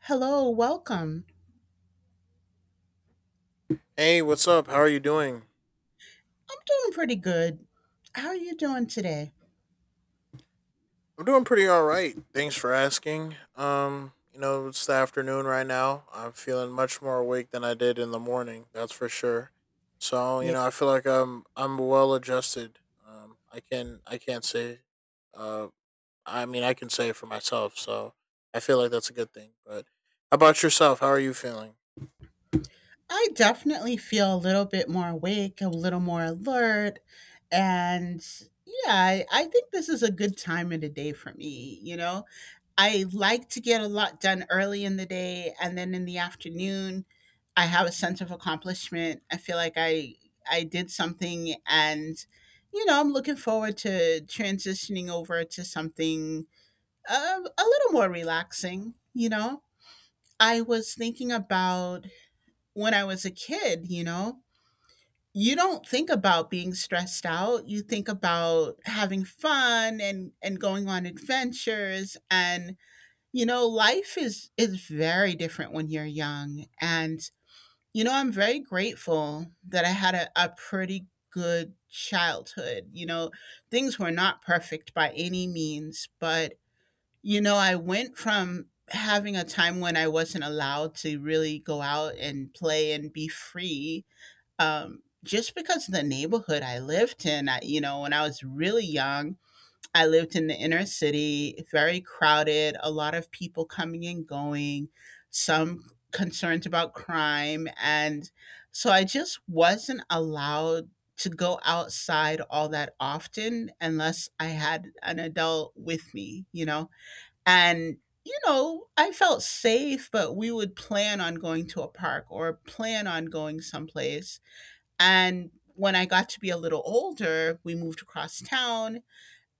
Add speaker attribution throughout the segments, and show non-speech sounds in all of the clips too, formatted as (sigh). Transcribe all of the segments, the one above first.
Speaker 1: Hello, welcome.
Speaker 2: Hey, what's up? How are you doing?
Speaker 1: I'm doing pretty good. How are you doing today?
Speaker 2: I'm doing pretty all right. Thanks for asking. You know, it's the afternoon right now. I'm feeling much more awake than I did in the morning. That's for sure. So, you
Speaker 1: Yeah.
Speaker 2: know, I feel like I'm well adjusted. I can I can't say uh I mean, I can say it for myself, so I feel like that's a good thing. But how about yourself? How are you feeling?
Speaker 1: I definitely feel a little bit more awake, a little more alert, and yeah, I think this is a good time of the day for me, you know? I like to get a lot done early in the day and then in the afternoon I have a sense of accomplishment. I feel like I did something and you know, I'm looking forward to transitioning over to something A a little more relaxing, you know? I was thinking about when I was a kid, you know? You don't think about being stressed out. You think about having fun and going on adventures and you know, life is very different when you're young and you know, I'm very grateful that I had a pretty good childhood. You know, things were not perfect by any means, but you know, I went from having a time when I wasn't allowed to really go out and play and be free, just because of the neighborhood I lived in. I, you know, when I was really young, I lived in the inner city, very crowded, a lot of people coming and going, some concerns about crime. And so I just wasn't allowed to go outside all that often unless I had an adult with me, you know? And, you know, I felt safe, but we would plan on going to a park or plan on going someplace. And when I got to be a little older, we moved across town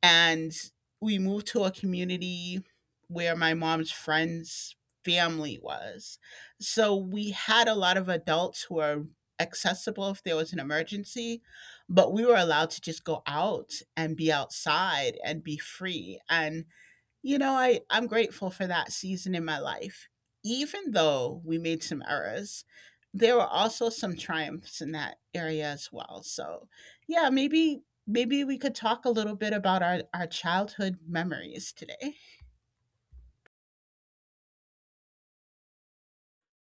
Speaker 1: and we moved to a community where my mom's friends' family was. So we had a lot of adults who were accessible if there was an emergency, but we were allowed to just go out and be outside and be free. And you know, I, I'm grateful for that season in my life. Even though we made some errors, there were also some triumphs in that area as well. So yeah, maybe we could talk a little bit about our childhood memories today.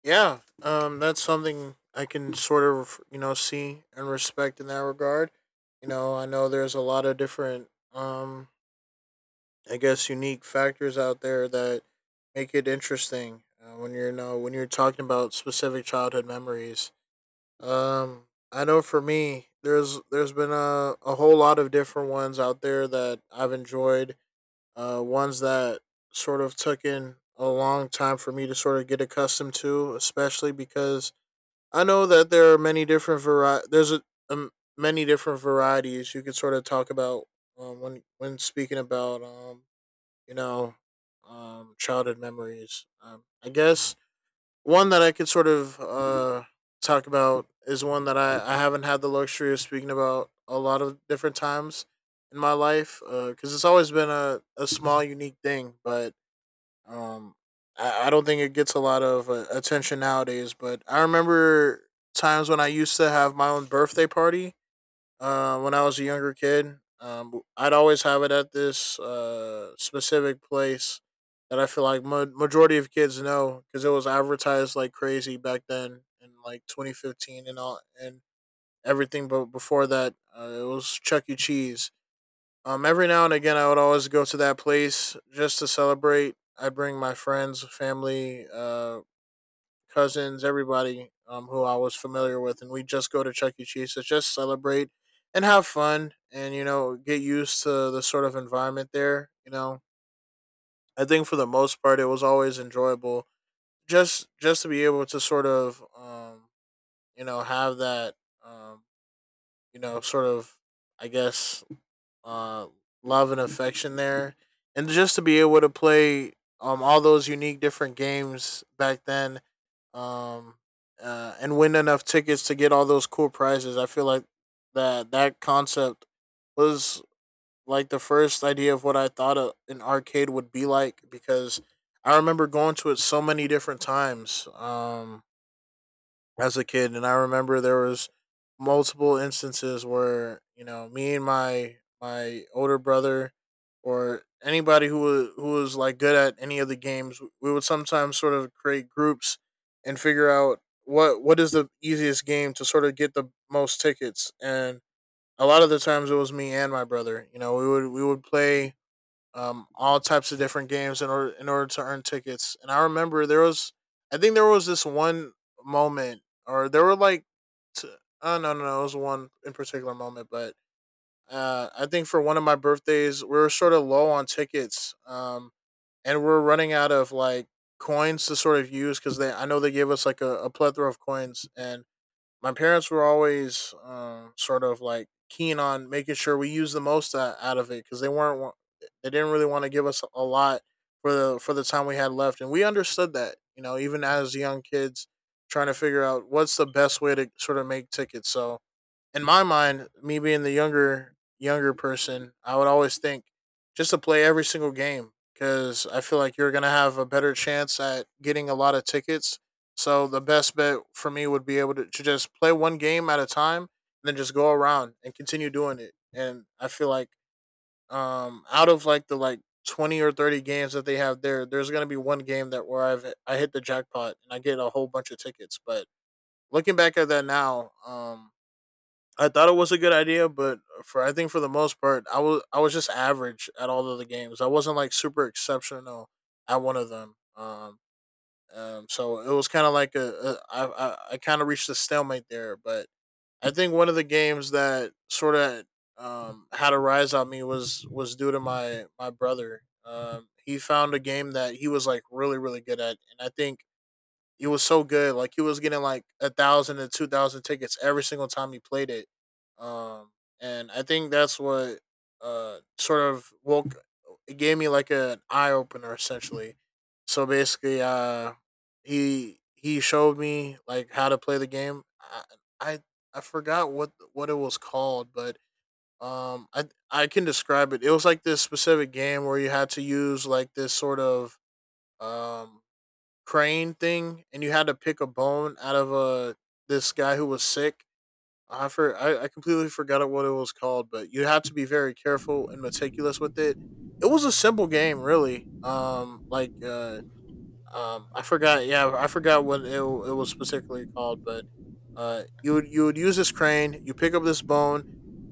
Speaker 2: Yeah, that's something I can sort of you know see and respect in that regard. You know, I know there's a lot of different, um, I guess, unique factors out there that make it interesting when you're you know when you're talking about specific childhood memories. Um, I know for me, there's been a whole lot of different ones out there that I've enjoyed. Ones that sort of took in a long time for me to sort of get accustomed to, especially because I know that there are many different There's um, many different varieties you could sort of talk about when speaking about you know childhood memories. I guess one that I could sort of talk about is one that I haven't had the luxury of speaking about a lot of different times in my life because it's always been a small unique thing, but um, I don't think it gets a lot of attention nowadays, but I remember times when I used to have my own birthday party when I was a younger kid. I'd always have it at this specific place that I feel like majority of kids know because it was advertised like crazy back then in like 2015 and all and everything. But before that, it was Chuck E. Cheese. Every now and again, I would always go to that place just to celebrate. I bring my friends, family, cousins, everybody who I was familiar with, and we just go to Chuck E. Cheese to just celebrate and have fun, and you know, get used to the sort of environment there. You know, I think for the most part, it was always enjoyable just to be able to sort of you know have that um, you know sort of I guess uh, love and affection there, and just to be able to play all those unique different games back then, um, and win enough tickets to get all those cool prizes. I feel like that concept was like the first idea of what I thought an arcade would be like because I remember going to it so many different times. As a kid, and I remember there was multiple instances where you know me and my older brother or anybody who was like good at any of the games, we would sometimes sort of create groups and figure out what is the easiest game to sort of get the most tickets. And a lot of the times it was me and my brother. You know, we would play all types of different games in order to earn tickets. And I remember there was, I think there was this one moment, or there were like, t- oh no no no, it was one in particular moment, but I think for one of my birthdays we were sort of low on tickets, and we are running out of like coins to sort of use because they I know they gave us like a plethora of coins. And my parents were always sort of like keen on making sure we use the most out of it, because they didn't really want to give us a lot for the time we had left, and we understood that you know even as young kids trying to figure out what's the best way to sort of make tickets. So in my mind, me being the younger person, I would always think just to play every single game because I feel like you're gonna have a better chance at getting a lot of tickets. So the best bet for me would be able to just play one game at a time and then just go around and continue doing it. And I feel like out of like the 20 or 30 games that they have there, there's going to be one game that where I hit the jackpot and I get a whole bunch of tickets. But looking back at that now, I thought it was a good idea, but for I think for the most part, I was just average at all of the games. I wasn't like super exceptional at one of them. So it was kind of like I kind of reached a stalemate there. But I think one of the games that sort of had a rise on me was due to my brother. He found a game that he was like really good at, and I think it was so good. Like he was getting like 1,000 to 2,000 tickets every single time he played it. Um, and I think that's what sort of woke it gave me like an eye opener essentially. So basically, he showed me like how to play the game. I, I forgot what it was called, but um, I I can describe it. It was like this specific game where you had to use like this sort of um crane thing, and you had to pick a bone out of a this guy who was sick. I completely forgot what it was called, but you had to be very careful and meticulous with it. It was a simple game, really. I forgot. Yeah, I forgot what it was specifically called, but you would use this crane. You pick up this bone,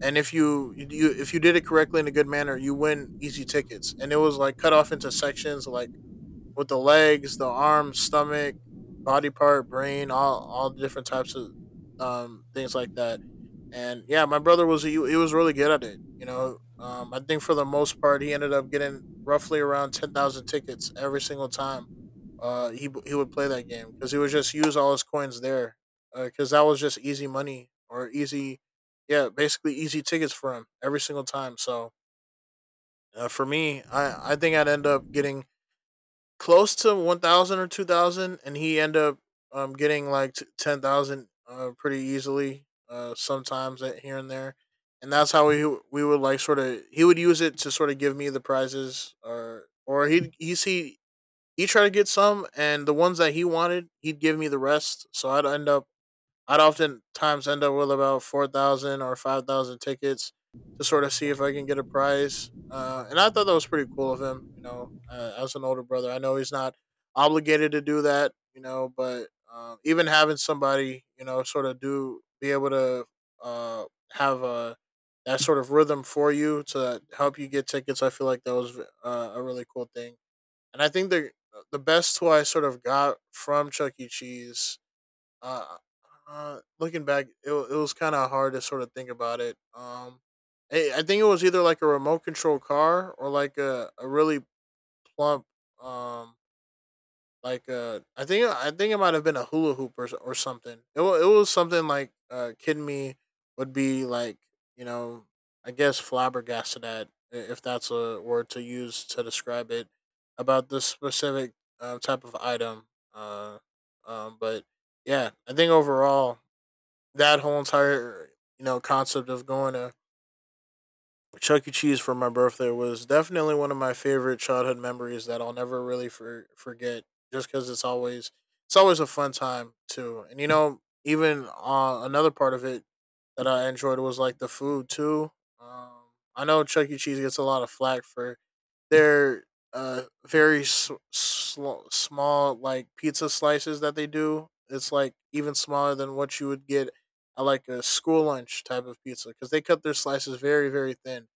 Speaker 2: and if you did it correctly in a good manner, you win easy tickets. And it was like cut off into sections, like with the legs, the arms, stomach, body part, brain, all different types of things like that. And yeah, my brother was he was really good at it. You know, I think for the most part, he ended up getting roughly around 10,000 tickets every single time. He would play that game because he would just use all his coins there, because that was just easy money or easy, yeah, basically easy tickets for him every single time. So for me, I think I'd end up getting close to 1,000 or 2,000, and he ended up getting like 10,000 pretty easily sometimes here and there. And that's how we would like sort of he would use it to sort of give me the prizes. Or he'd he tried to get some, and the ones that he wanted, he'd give me the rest, so I'd oftentimes end up with about 4,000 or 5,000 tickets to sort of see if I can get a prize. And I thought that was pretty cool of him. You know, as an older brother, I know he's not obligated to do that. You know, but even having somebody, you know, sort of do be able to uh, have a that sort of rhythm for you to help you get tickets, I feel like that was a really cool thing. And I think the best tool I sort of got from Chuck E. Cheese, uh, looking back, it was kind of hard to sort of think about it. I think it was either like a remote control car or like a really plump, um, I think it might have been a hula hoop or something. It was something like kid me would be like you know I guess flabbergasted at if that's a word to use to describe it about this specific type of item. Uh, but yeah, I think overall that whole entire you know concept of going to Chuck E. Cheese for my birthday was definitely one of my favorite childhood memories that I'll never really forget. Just because it's always a fun time too, and you know even another part of it that I enjoyed was like the food too. Um, I know Chuck E. Cheese gets a lot of flack for they're very small like pizza slices that they do. It's like even smaller than what you would get at like a school lunch type of pizza because they cut their slices very very thin,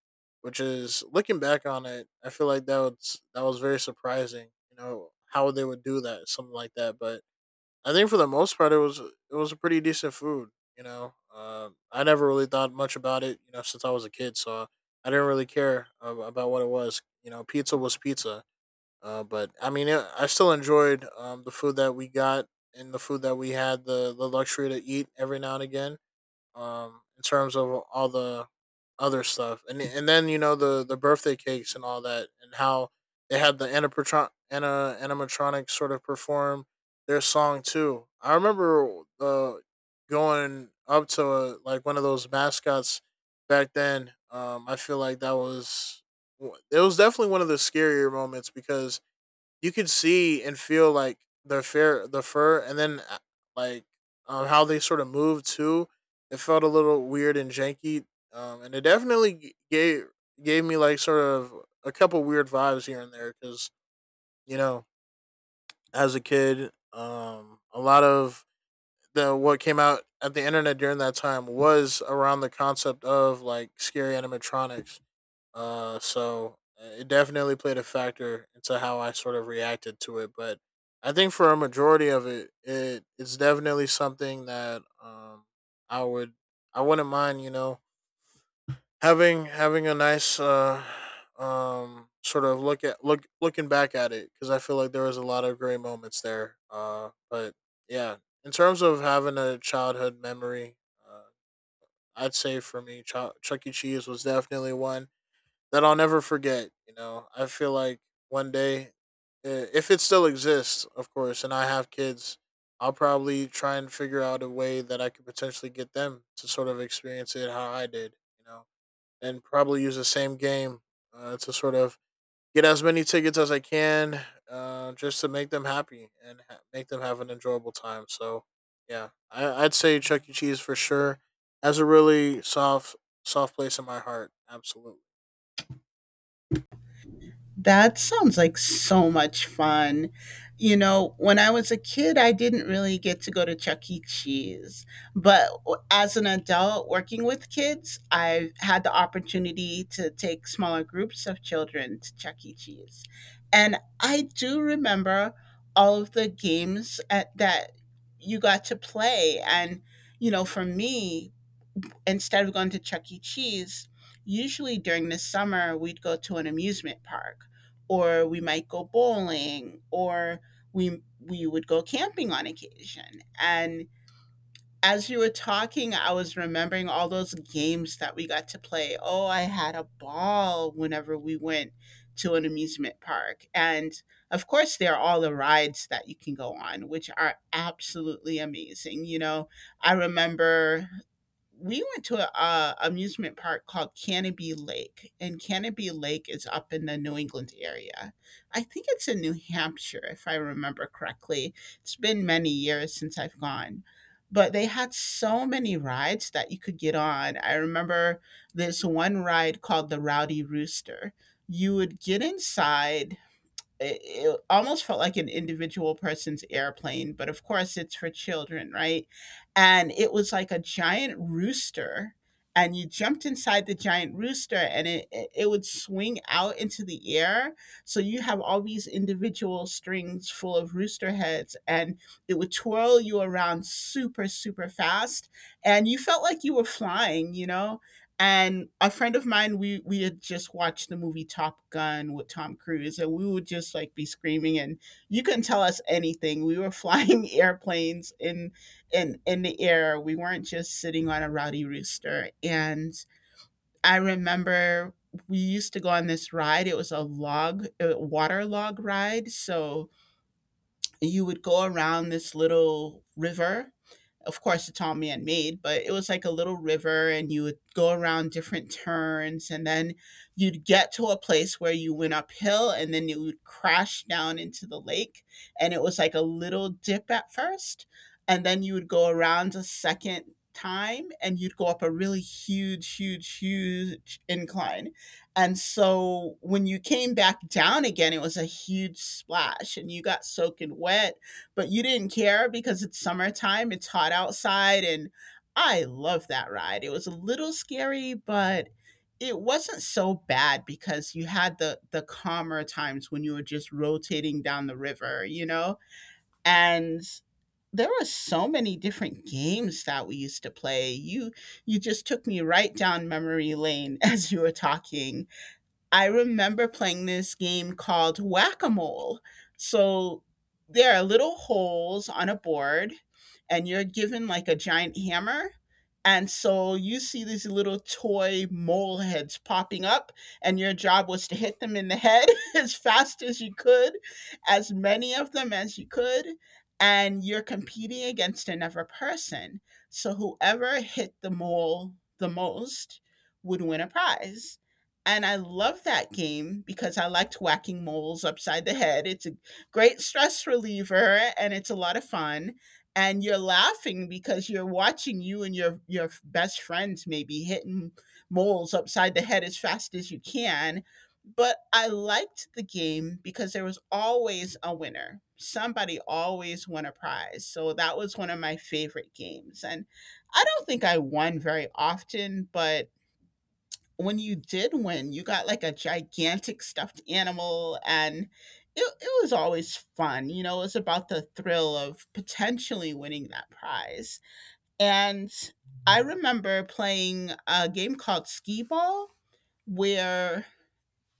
Speaker 2: which is looking back on it, I feel like that was very surprising. You know how they would do that, something like that, but I think for the most part, it was a pretty decent food. I never really thought much about it. You know, since I was a kid, so I didn't really care about what it was. You know, pizza was pizza. But I mean, I still enjoyed the food that we got and the food that we had the luxury to eat every now and again in terms of all the other stuff and then you know the birthday cakes and all that, and how they had the animatron- ana animatronic sort of perform their song too. I remember going up to like one of those mascots back then. I feel like that was it was definitely one of the scarier moments because you could see and feel like the fur, and then like how they sort of moved too. It felt a little weird and janky, and it definitely gave gave me like sort of a couple weird vibes here and there because you know, as a kid, a lot of the what came out at the internet during that time was around the concept of like scary animatronics. It definitely played a factor into how I sort of reacted to it. But I think for a majority of it, it's definitely something that I would I wouldn't mind you know having a nice sort of looking back at it, because I feel like there was a lot of great moments there. But yeah, in terms of having a childhood memory, uh, I'd say for me, Chuck E. Cheese was definitely one that I'll never forget. You know, I feel like one day, if it still exists, of course, and I have kids, I'll probably try and figure out a way that I could potentially get them to sort of experience it how I did, you know, and probably use the same game to sort of get as many tickets as I can, just to make them happy and make them have an enjoyable time. So, yeah, I'd say Chuck E. Cheese for sure has a really soft place in my heart. Absolutely.
Speaker 1: That sounds like so much fun. You know, when I was a kid, I didn't really get to go to Chuck E. Cheese. But as an adult working with kids, I've had the opportunity to take smaller groups of children to Chuck E. Cheese. And I do remember all of the games at, that you got to play. And, you know, for me, instead of going to Chuck E. Cheese, usually during the summer, we'd go to an amusement park or we might go bowling or we would go camping on occasion. And as you were talking, I was remembering all those games that we got to play. Oh, I had a ball whenever we went to an amusement park. And of course, there are all the rides that you can go on, which are absolutely amazing. You know, I remember we went to a amusement park called Canopy Lake, and Canopy Lake is up in the New England area. I think it's in New Hampshire, if I remember correctly. It's been many years since I've gone, but they had so many rides that you could get on. I remember this one ride called the Rowdy Rooster. You would get inside it, it almost felt like an individual person's airplane, but of course it's for children, right? And it was like a giant rooster, and you jumped inside the giant rooster, and it would swing out into the air. So you have all these individual strings full of rooster heads, and it would twirl you around super super fast, and you felt like you were flying, you know, and a friend of mine, we had just watched the movie Top Gun with Tom Cruise, and we would just like be screaming, and you couldn't tell us anything. We were flying (laughs) airplanes in in the air. We weren't just sitting on a Rowdy Rooster. And I remember we used to go on this ride. It was a log, a water log ride. So you would go around this little river, of course it's all man made, but it was like a little river and you would go around different turns and then you'd get to a place where you went uphill and then you would crash down into the lake, and it was like a little dip at first, and then you would go around a second time and you'd go up a really huge huge huge incline, and so when you came back down again it was a huge splash and you got soaking wet. But you didn't care because it's summertime, it's hot outside, and I love that ride. It was a little scary, but it wasn't so bad because you had the calmer times when you were just rotating down the river, you know? And there were so many different games that we used to play. You just took me right down memory lane (laughs) as you were talking. I remember playing this game called Whack a Mole. So there are little holes on a board, and you're given like a giant hammer. And so you see these little toy mole heads popping up, and your job was to hit them in the head (laughs) as fast as you could, as many of them as you could. And you're competing against another person. So whoever hit the mole the most would win a prize. And I love that game because I liked whacking moles upside the head. It's a great stress reliever and it's a lot of fun. And you're laughing because you're watching you and your best friends maybe hitting moles upside the head as fast as you can. But I liked the game because there was always a winner. Somebody always won a prize. So that was one of my favorite games. And I don't think I won very often, but when you did win, you got like a gigantic stuffed animal, and it was always fun. You know, it was about the thrill of potentially winning that prize. And I remember playing a game called Skee Ball where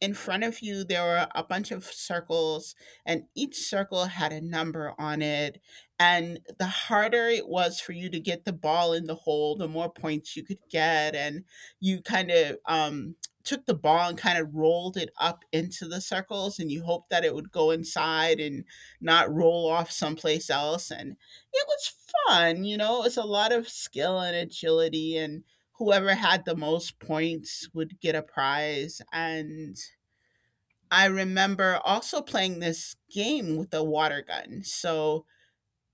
Speaker 1: in front of you there were a bunch of circles and each circle had a number on it and the harder it was for you to get the ball in the hole the more points you could get, and you kind of took the ball and kind of rolled it up into the circles and you hoped that it would go inside and not roll off someplace else, and it was fun, you know, it was a lot of skill and agility, and whoever had the most points would get a prize. And I remember also playing this game with a water gun. So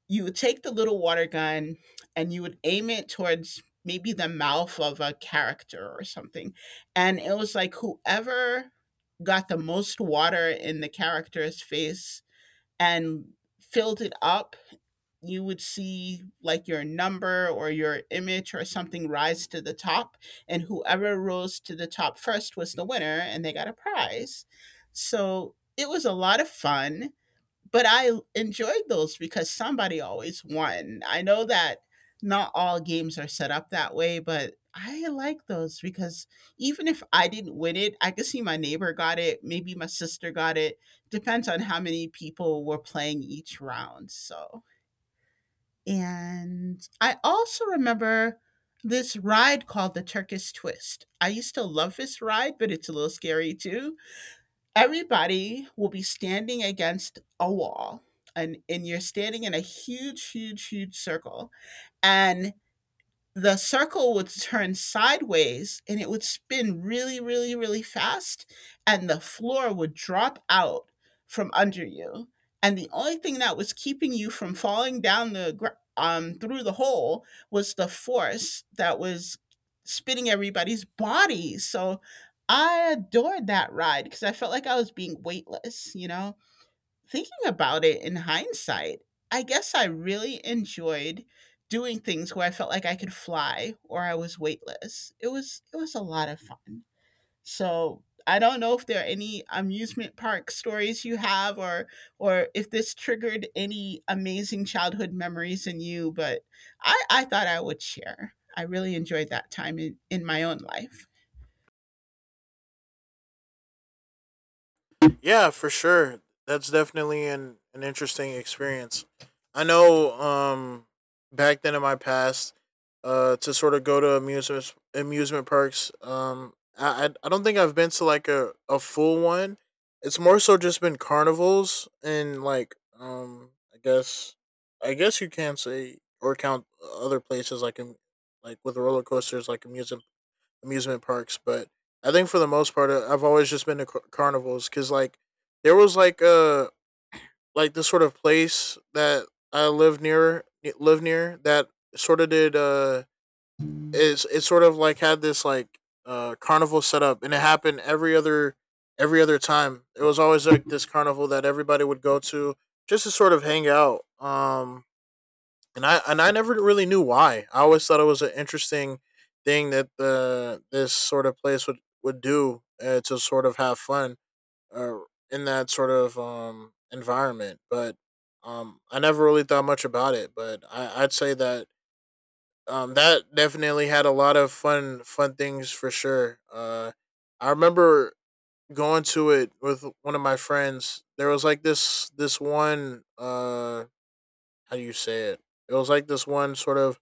Speaker 1: you would take the little water gun and you would aim it towards maybe the mouth of a character or something. And it was like whoever got the most water in the character's face and filled it up, you would see like your number or your image or something rise to the top, and whoever rose to the top first was the winner and they got a prize. So it was a lot of fun, but I enjoyed those because somebody always won. I know that not all games are set up that way, but I like those because even if I didn't win it I could see my neighbor got it, maybe my sister got it, depends on how many people were playing each round. So, and I also remember this ride called the Turkish Twist. I used to love this ride, but it's a little scary too. Everybody will be standing against a wall, and you're standing in a huge, huge, huge circle. And the circle would turn sideways and it would spin really, really, really fast, and the floor would drop out from under you. And the only thing that was keeping you from falling down the through the hole was the force that was spinning everybody's bodies. So I adored that ride because I felt like I was being weightless, you know. Thinking about it in hindsight, I guess I really enjoyed doing things where I felt like I could fly or I was weightless. It was a lot of fun. So I don't know if there are any amusement park stories you have, or if this triggered any amazing childhood memories in you, but I thought I would share. I really enjoyed that time in my own life.
Speaker 2: Yeah, for sure. That's definitely an interesting experience. I know back then in my past, uh, to sort of go to amusement parks, I don't think I've been to like a full one. It's more so just been carnivals and like I guess you can say or count other places like in like with roller coasters, like amusement parks. But I think for the most part, I've always just been to carnivals because like there was like this sort of place that I lived near that sort of did it sort of like had this like carnival set up, and it happened every other time. It was always like this carnival that everybody would go to just to sort of hang out. And I never really knew why. I always thought it was an interesting thing that the this sort of place would do, to sort of have fun, uh, in that sort of environment. But I never really thought much about it. But I'd say that that definitely had a lot of fun things for sure. I remember going to it with one of my friends. There was like this one how do you say it? It was like this one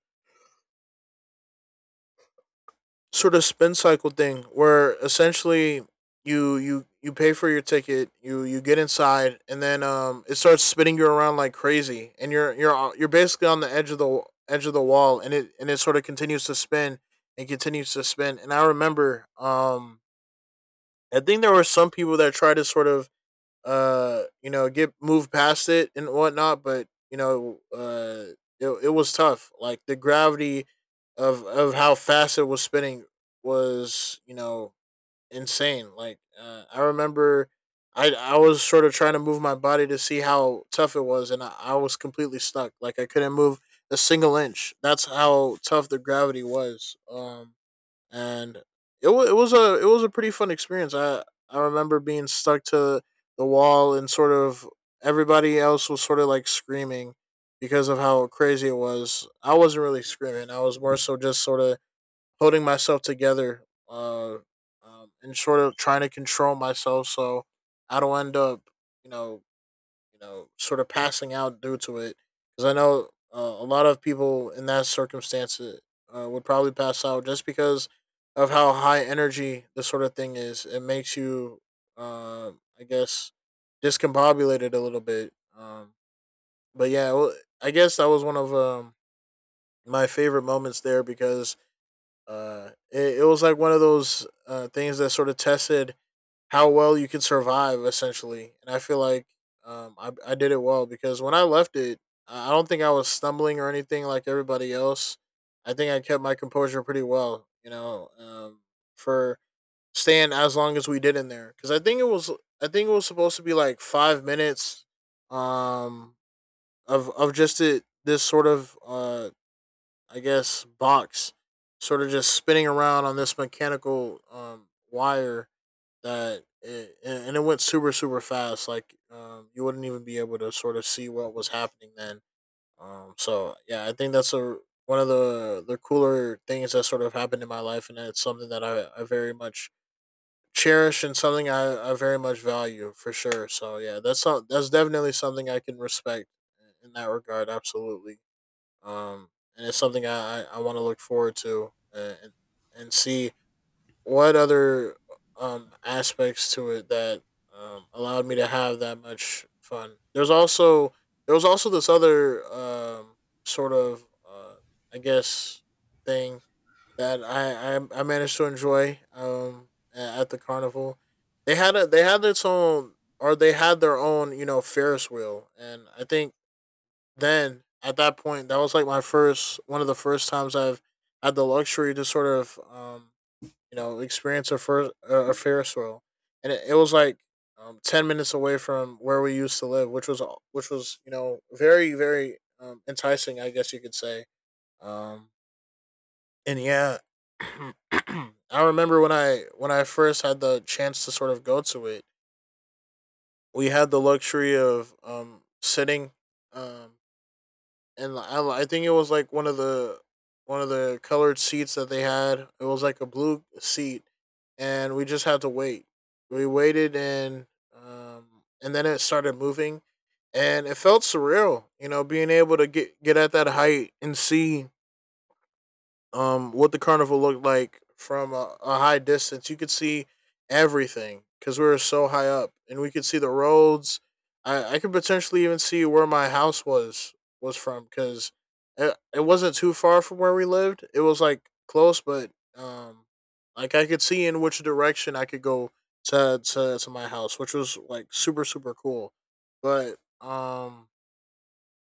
Speaker 2: sort of spin cycle thing where essentially you pay for your ticket, you get inside, and then it starts spinning you around like crazy, and you're basically on the edge of the edge of the wall, and it sort of continues to spin. And I remember I think there were some people that tried to sort of you know, get moved past it and whatnot. But you know, it it was tough. Like the gravity of how fast it was spinning was, you know, insane. Like I remember, I was sort of trying to move my body to see how tough it was, and I was completely stuck. Like I couldn't move a single inch. That's how tough the gravity was. And it was a pretty fun experience. I remember being stuck to the wall, and sort of everybody else was sort of like screaming because of how crazy it was. I wasn't really screaming. I was more so just sort of holding myself together, and sort of trying to control myself so I don't end up, you know, you know, sort of passing out due to it. Because I know a lot of people in that circumstance would probably pass out just because of how high energy this sort of thing is. It makes you, I guess, discombobulated a little bit. But yeah, well, I guess that was one of my favorite moments there because it was like one of those things that sort of tested how well you can survive essentially. And I feel like I did it well because when I left it, I don't think I was stumbling or anything like everybody else. I think I kept my composure pretty well, you know, for staying as long as we did in there, because I think it was supposed to be like 5 minutes, um, of just it this sort of I guess box sort of just spinning around on this mechanical wire that and it went super super fast, like you wouldn't even be able to sort of see what was happening then. Um, so yeah, I think that's a one of the cooler things that sort of happened in my life, and it's something that I very much cherish, and something I very much value for sure. So yeah, that's that's definitely something I can respect in that regard. Absolutely. Um, and it's something I want to look forward to, and see what other aspects to it that allowed me to have that much fun. There was also this other sort of I guess thing that I managed to enjoy at the carnival. They had a they had its own or they had their own, you know, Ferris wheel. And I think then at that point, that was like my first one of the first times I've had the luxury to sort of um, you know, experience a Ferris wheel, and it was like 10 minutes away from where we used to live, which was you know very very enticing, I guess you could say. Um, and yeah, (clears throat) I remember when I first had the chance to sort of go to it, we had the luxury of sitting um, and I think it was like one of the colored seats that they had. It was like a blue seat, and we just had to wait. We waited, um, and then it started moving, and it felt surreal. You know, being able to get at that height and see what the carnival looked like from a high distance. You could see everything because we were so high up, and we could see the roads. I could potentially even see where my house was from because it wasn't too far from where we lived. It was like close, but like I could see in which direction I could go to my house, which was like super super cool. But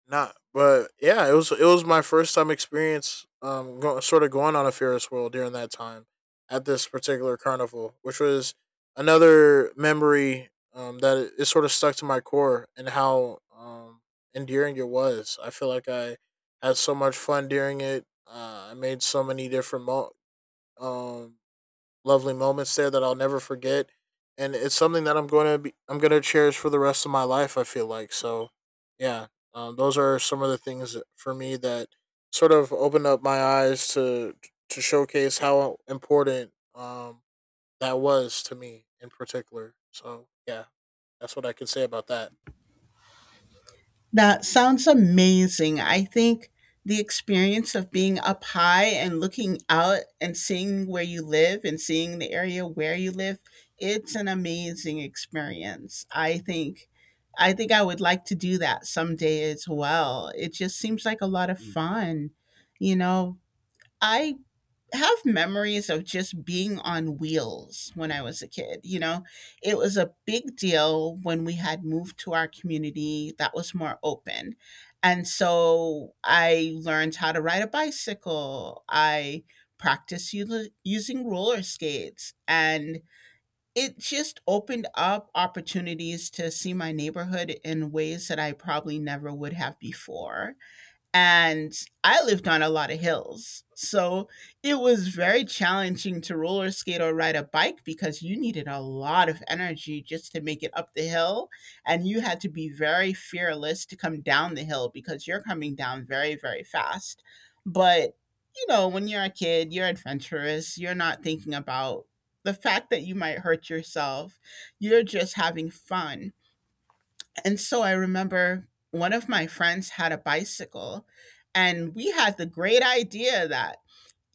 Speaker 2: not, but yeah, it was my first time experience, sort of going on a Ferris wheel during that time at this particular carnival, which was another memory that it sort of stuck to my core, and how endearing it was. I feel like I had so much fun during it. I made so many different um, lovely moments there that I'll never forget, and it's something that I'm going to cherish for the rest of my life, I feel like. So, yeah. Those are some of the things that- for me that sort of opened up my eyes to showcase how important that was to me in particular. So yeah, that's what I can say about that.
Speaker 1: That sounds amazing. I think the experience of being up high and looking out and seeing where you live and seeing the area where you live, it's an amazing experience. I think I would like to do that someday as well. It just seems like a lot of fun. You know, I have memories of just being on wheels when I was a kid. You know, it was a big deal when we had moved to our community that was more open. And so I learned how to ride a bicycle. I practiced using roller skates. And it just opened up opportunities to see my neighborhood in ways that I probably never would have before. And I lived on a lot of hills. So it was very challenging to roller skate or ride a bike because you needed a lot of energy just to make it up the hill. And you had to be very fearless to come down the hill because you're coming down very, very fast. But, you know, when you're a kid, you're adventurous, you're not thinking about the fact that you might hurt yourself, you're just having fun. And so I remember one of my friends had a bicycle, and we had the great idea that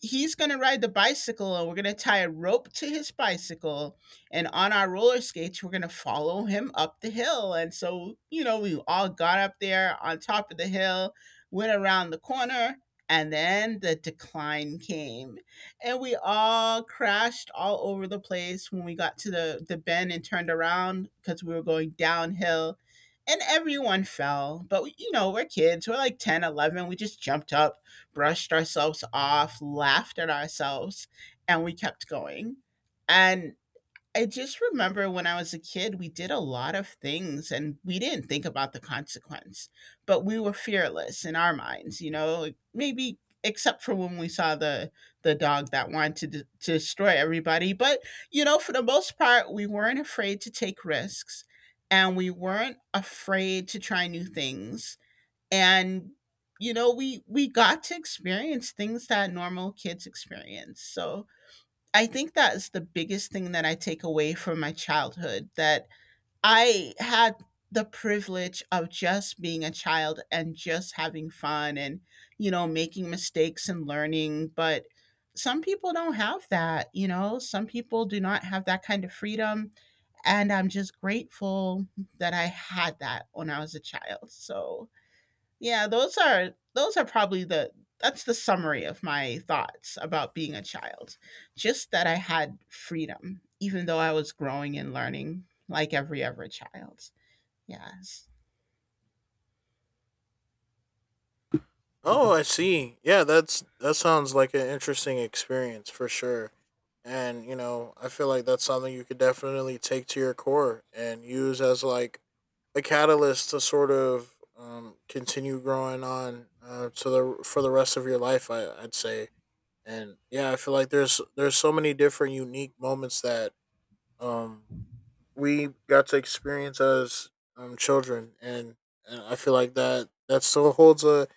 Speaker 1: he's going to ride the bicycle and we're going to tie a rope to his bicycle, and on our roller skates we're going to follow him up the hill. And so, you know, we all got up there on top of the hill, went around the corner, and then the decline came, and we all crashed all over the place when we got to the bend and turned around because we were going downhill, and everyone fell. But we, we're kids, we're like 10, 11. We just jumped up, brushed ourselves off, laughed at ourselves, and we kept going. And I just remember when I was a kid, we did a lot of things and we didn't think about the consequence, but we were fearless in our minds, you know, like, maybe except for when we saw the dog that wanted to, to destroy everybody. But you know, for the most part, we weren't afraid to take risks, and we weren't afraid to try new things, and you know, we got to experience things that normal kids experience. So I think that's the biggest thing that I take away from my childhood, that I had the privilege of just being a child and just having fun and you know making mistakes and learning. But some people don't have that, you know, some people do not have that kind of freedom, and I'm just grateful that I had that when I was a child. So yeah, those are, those are probably the, that's the summary of my thoughts about being a child. Just that I had freedom, even though I was growing and learning like every other child. Yes.
Speaker 2: Oh, I see. Yeah, that's that sounds like an interesting experience for sure. And you know, I feel like that's something you could definitely take to your core and use as like a catalyst to sort of continue growing on, to the for the rest of your life, I I'd say. And yeah, I feel like there's so many different unique moments that um we got to experience as children, and I feel like that still holds a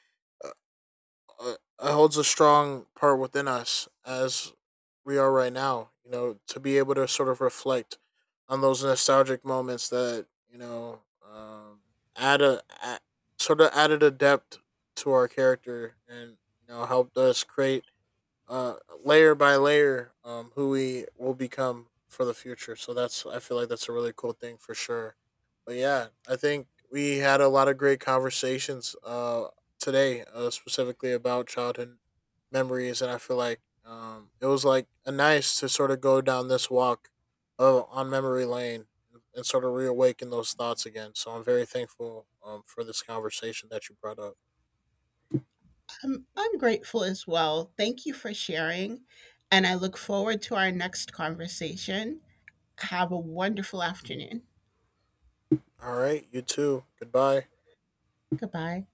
Speaker 2: holds a strong part within us as we are right now. You know, to be able to sort of reflect on those nostalgic moments that you know um, a sort of added a depth to our character, and you know, helped us create uh, layer by layer who we will become for the future. So that's I feel like that's a really cool thing for sure. But yeah, I think we had a lot of great conversations today, specifically about childhood memories, and I feel like it was like a nice to sort of go down this walk on memory lane, and sort of reawaken those thoughts again. So I'm very thankful for this conversation that you brought up.
Speaker 1: I'm grateful as well. Thank you for sharing. And I look forward to our next conversation. Have a wonderful afternoon.
Speaker 2: All right, you too. Goodbye.
Speaker 1: Goodbye.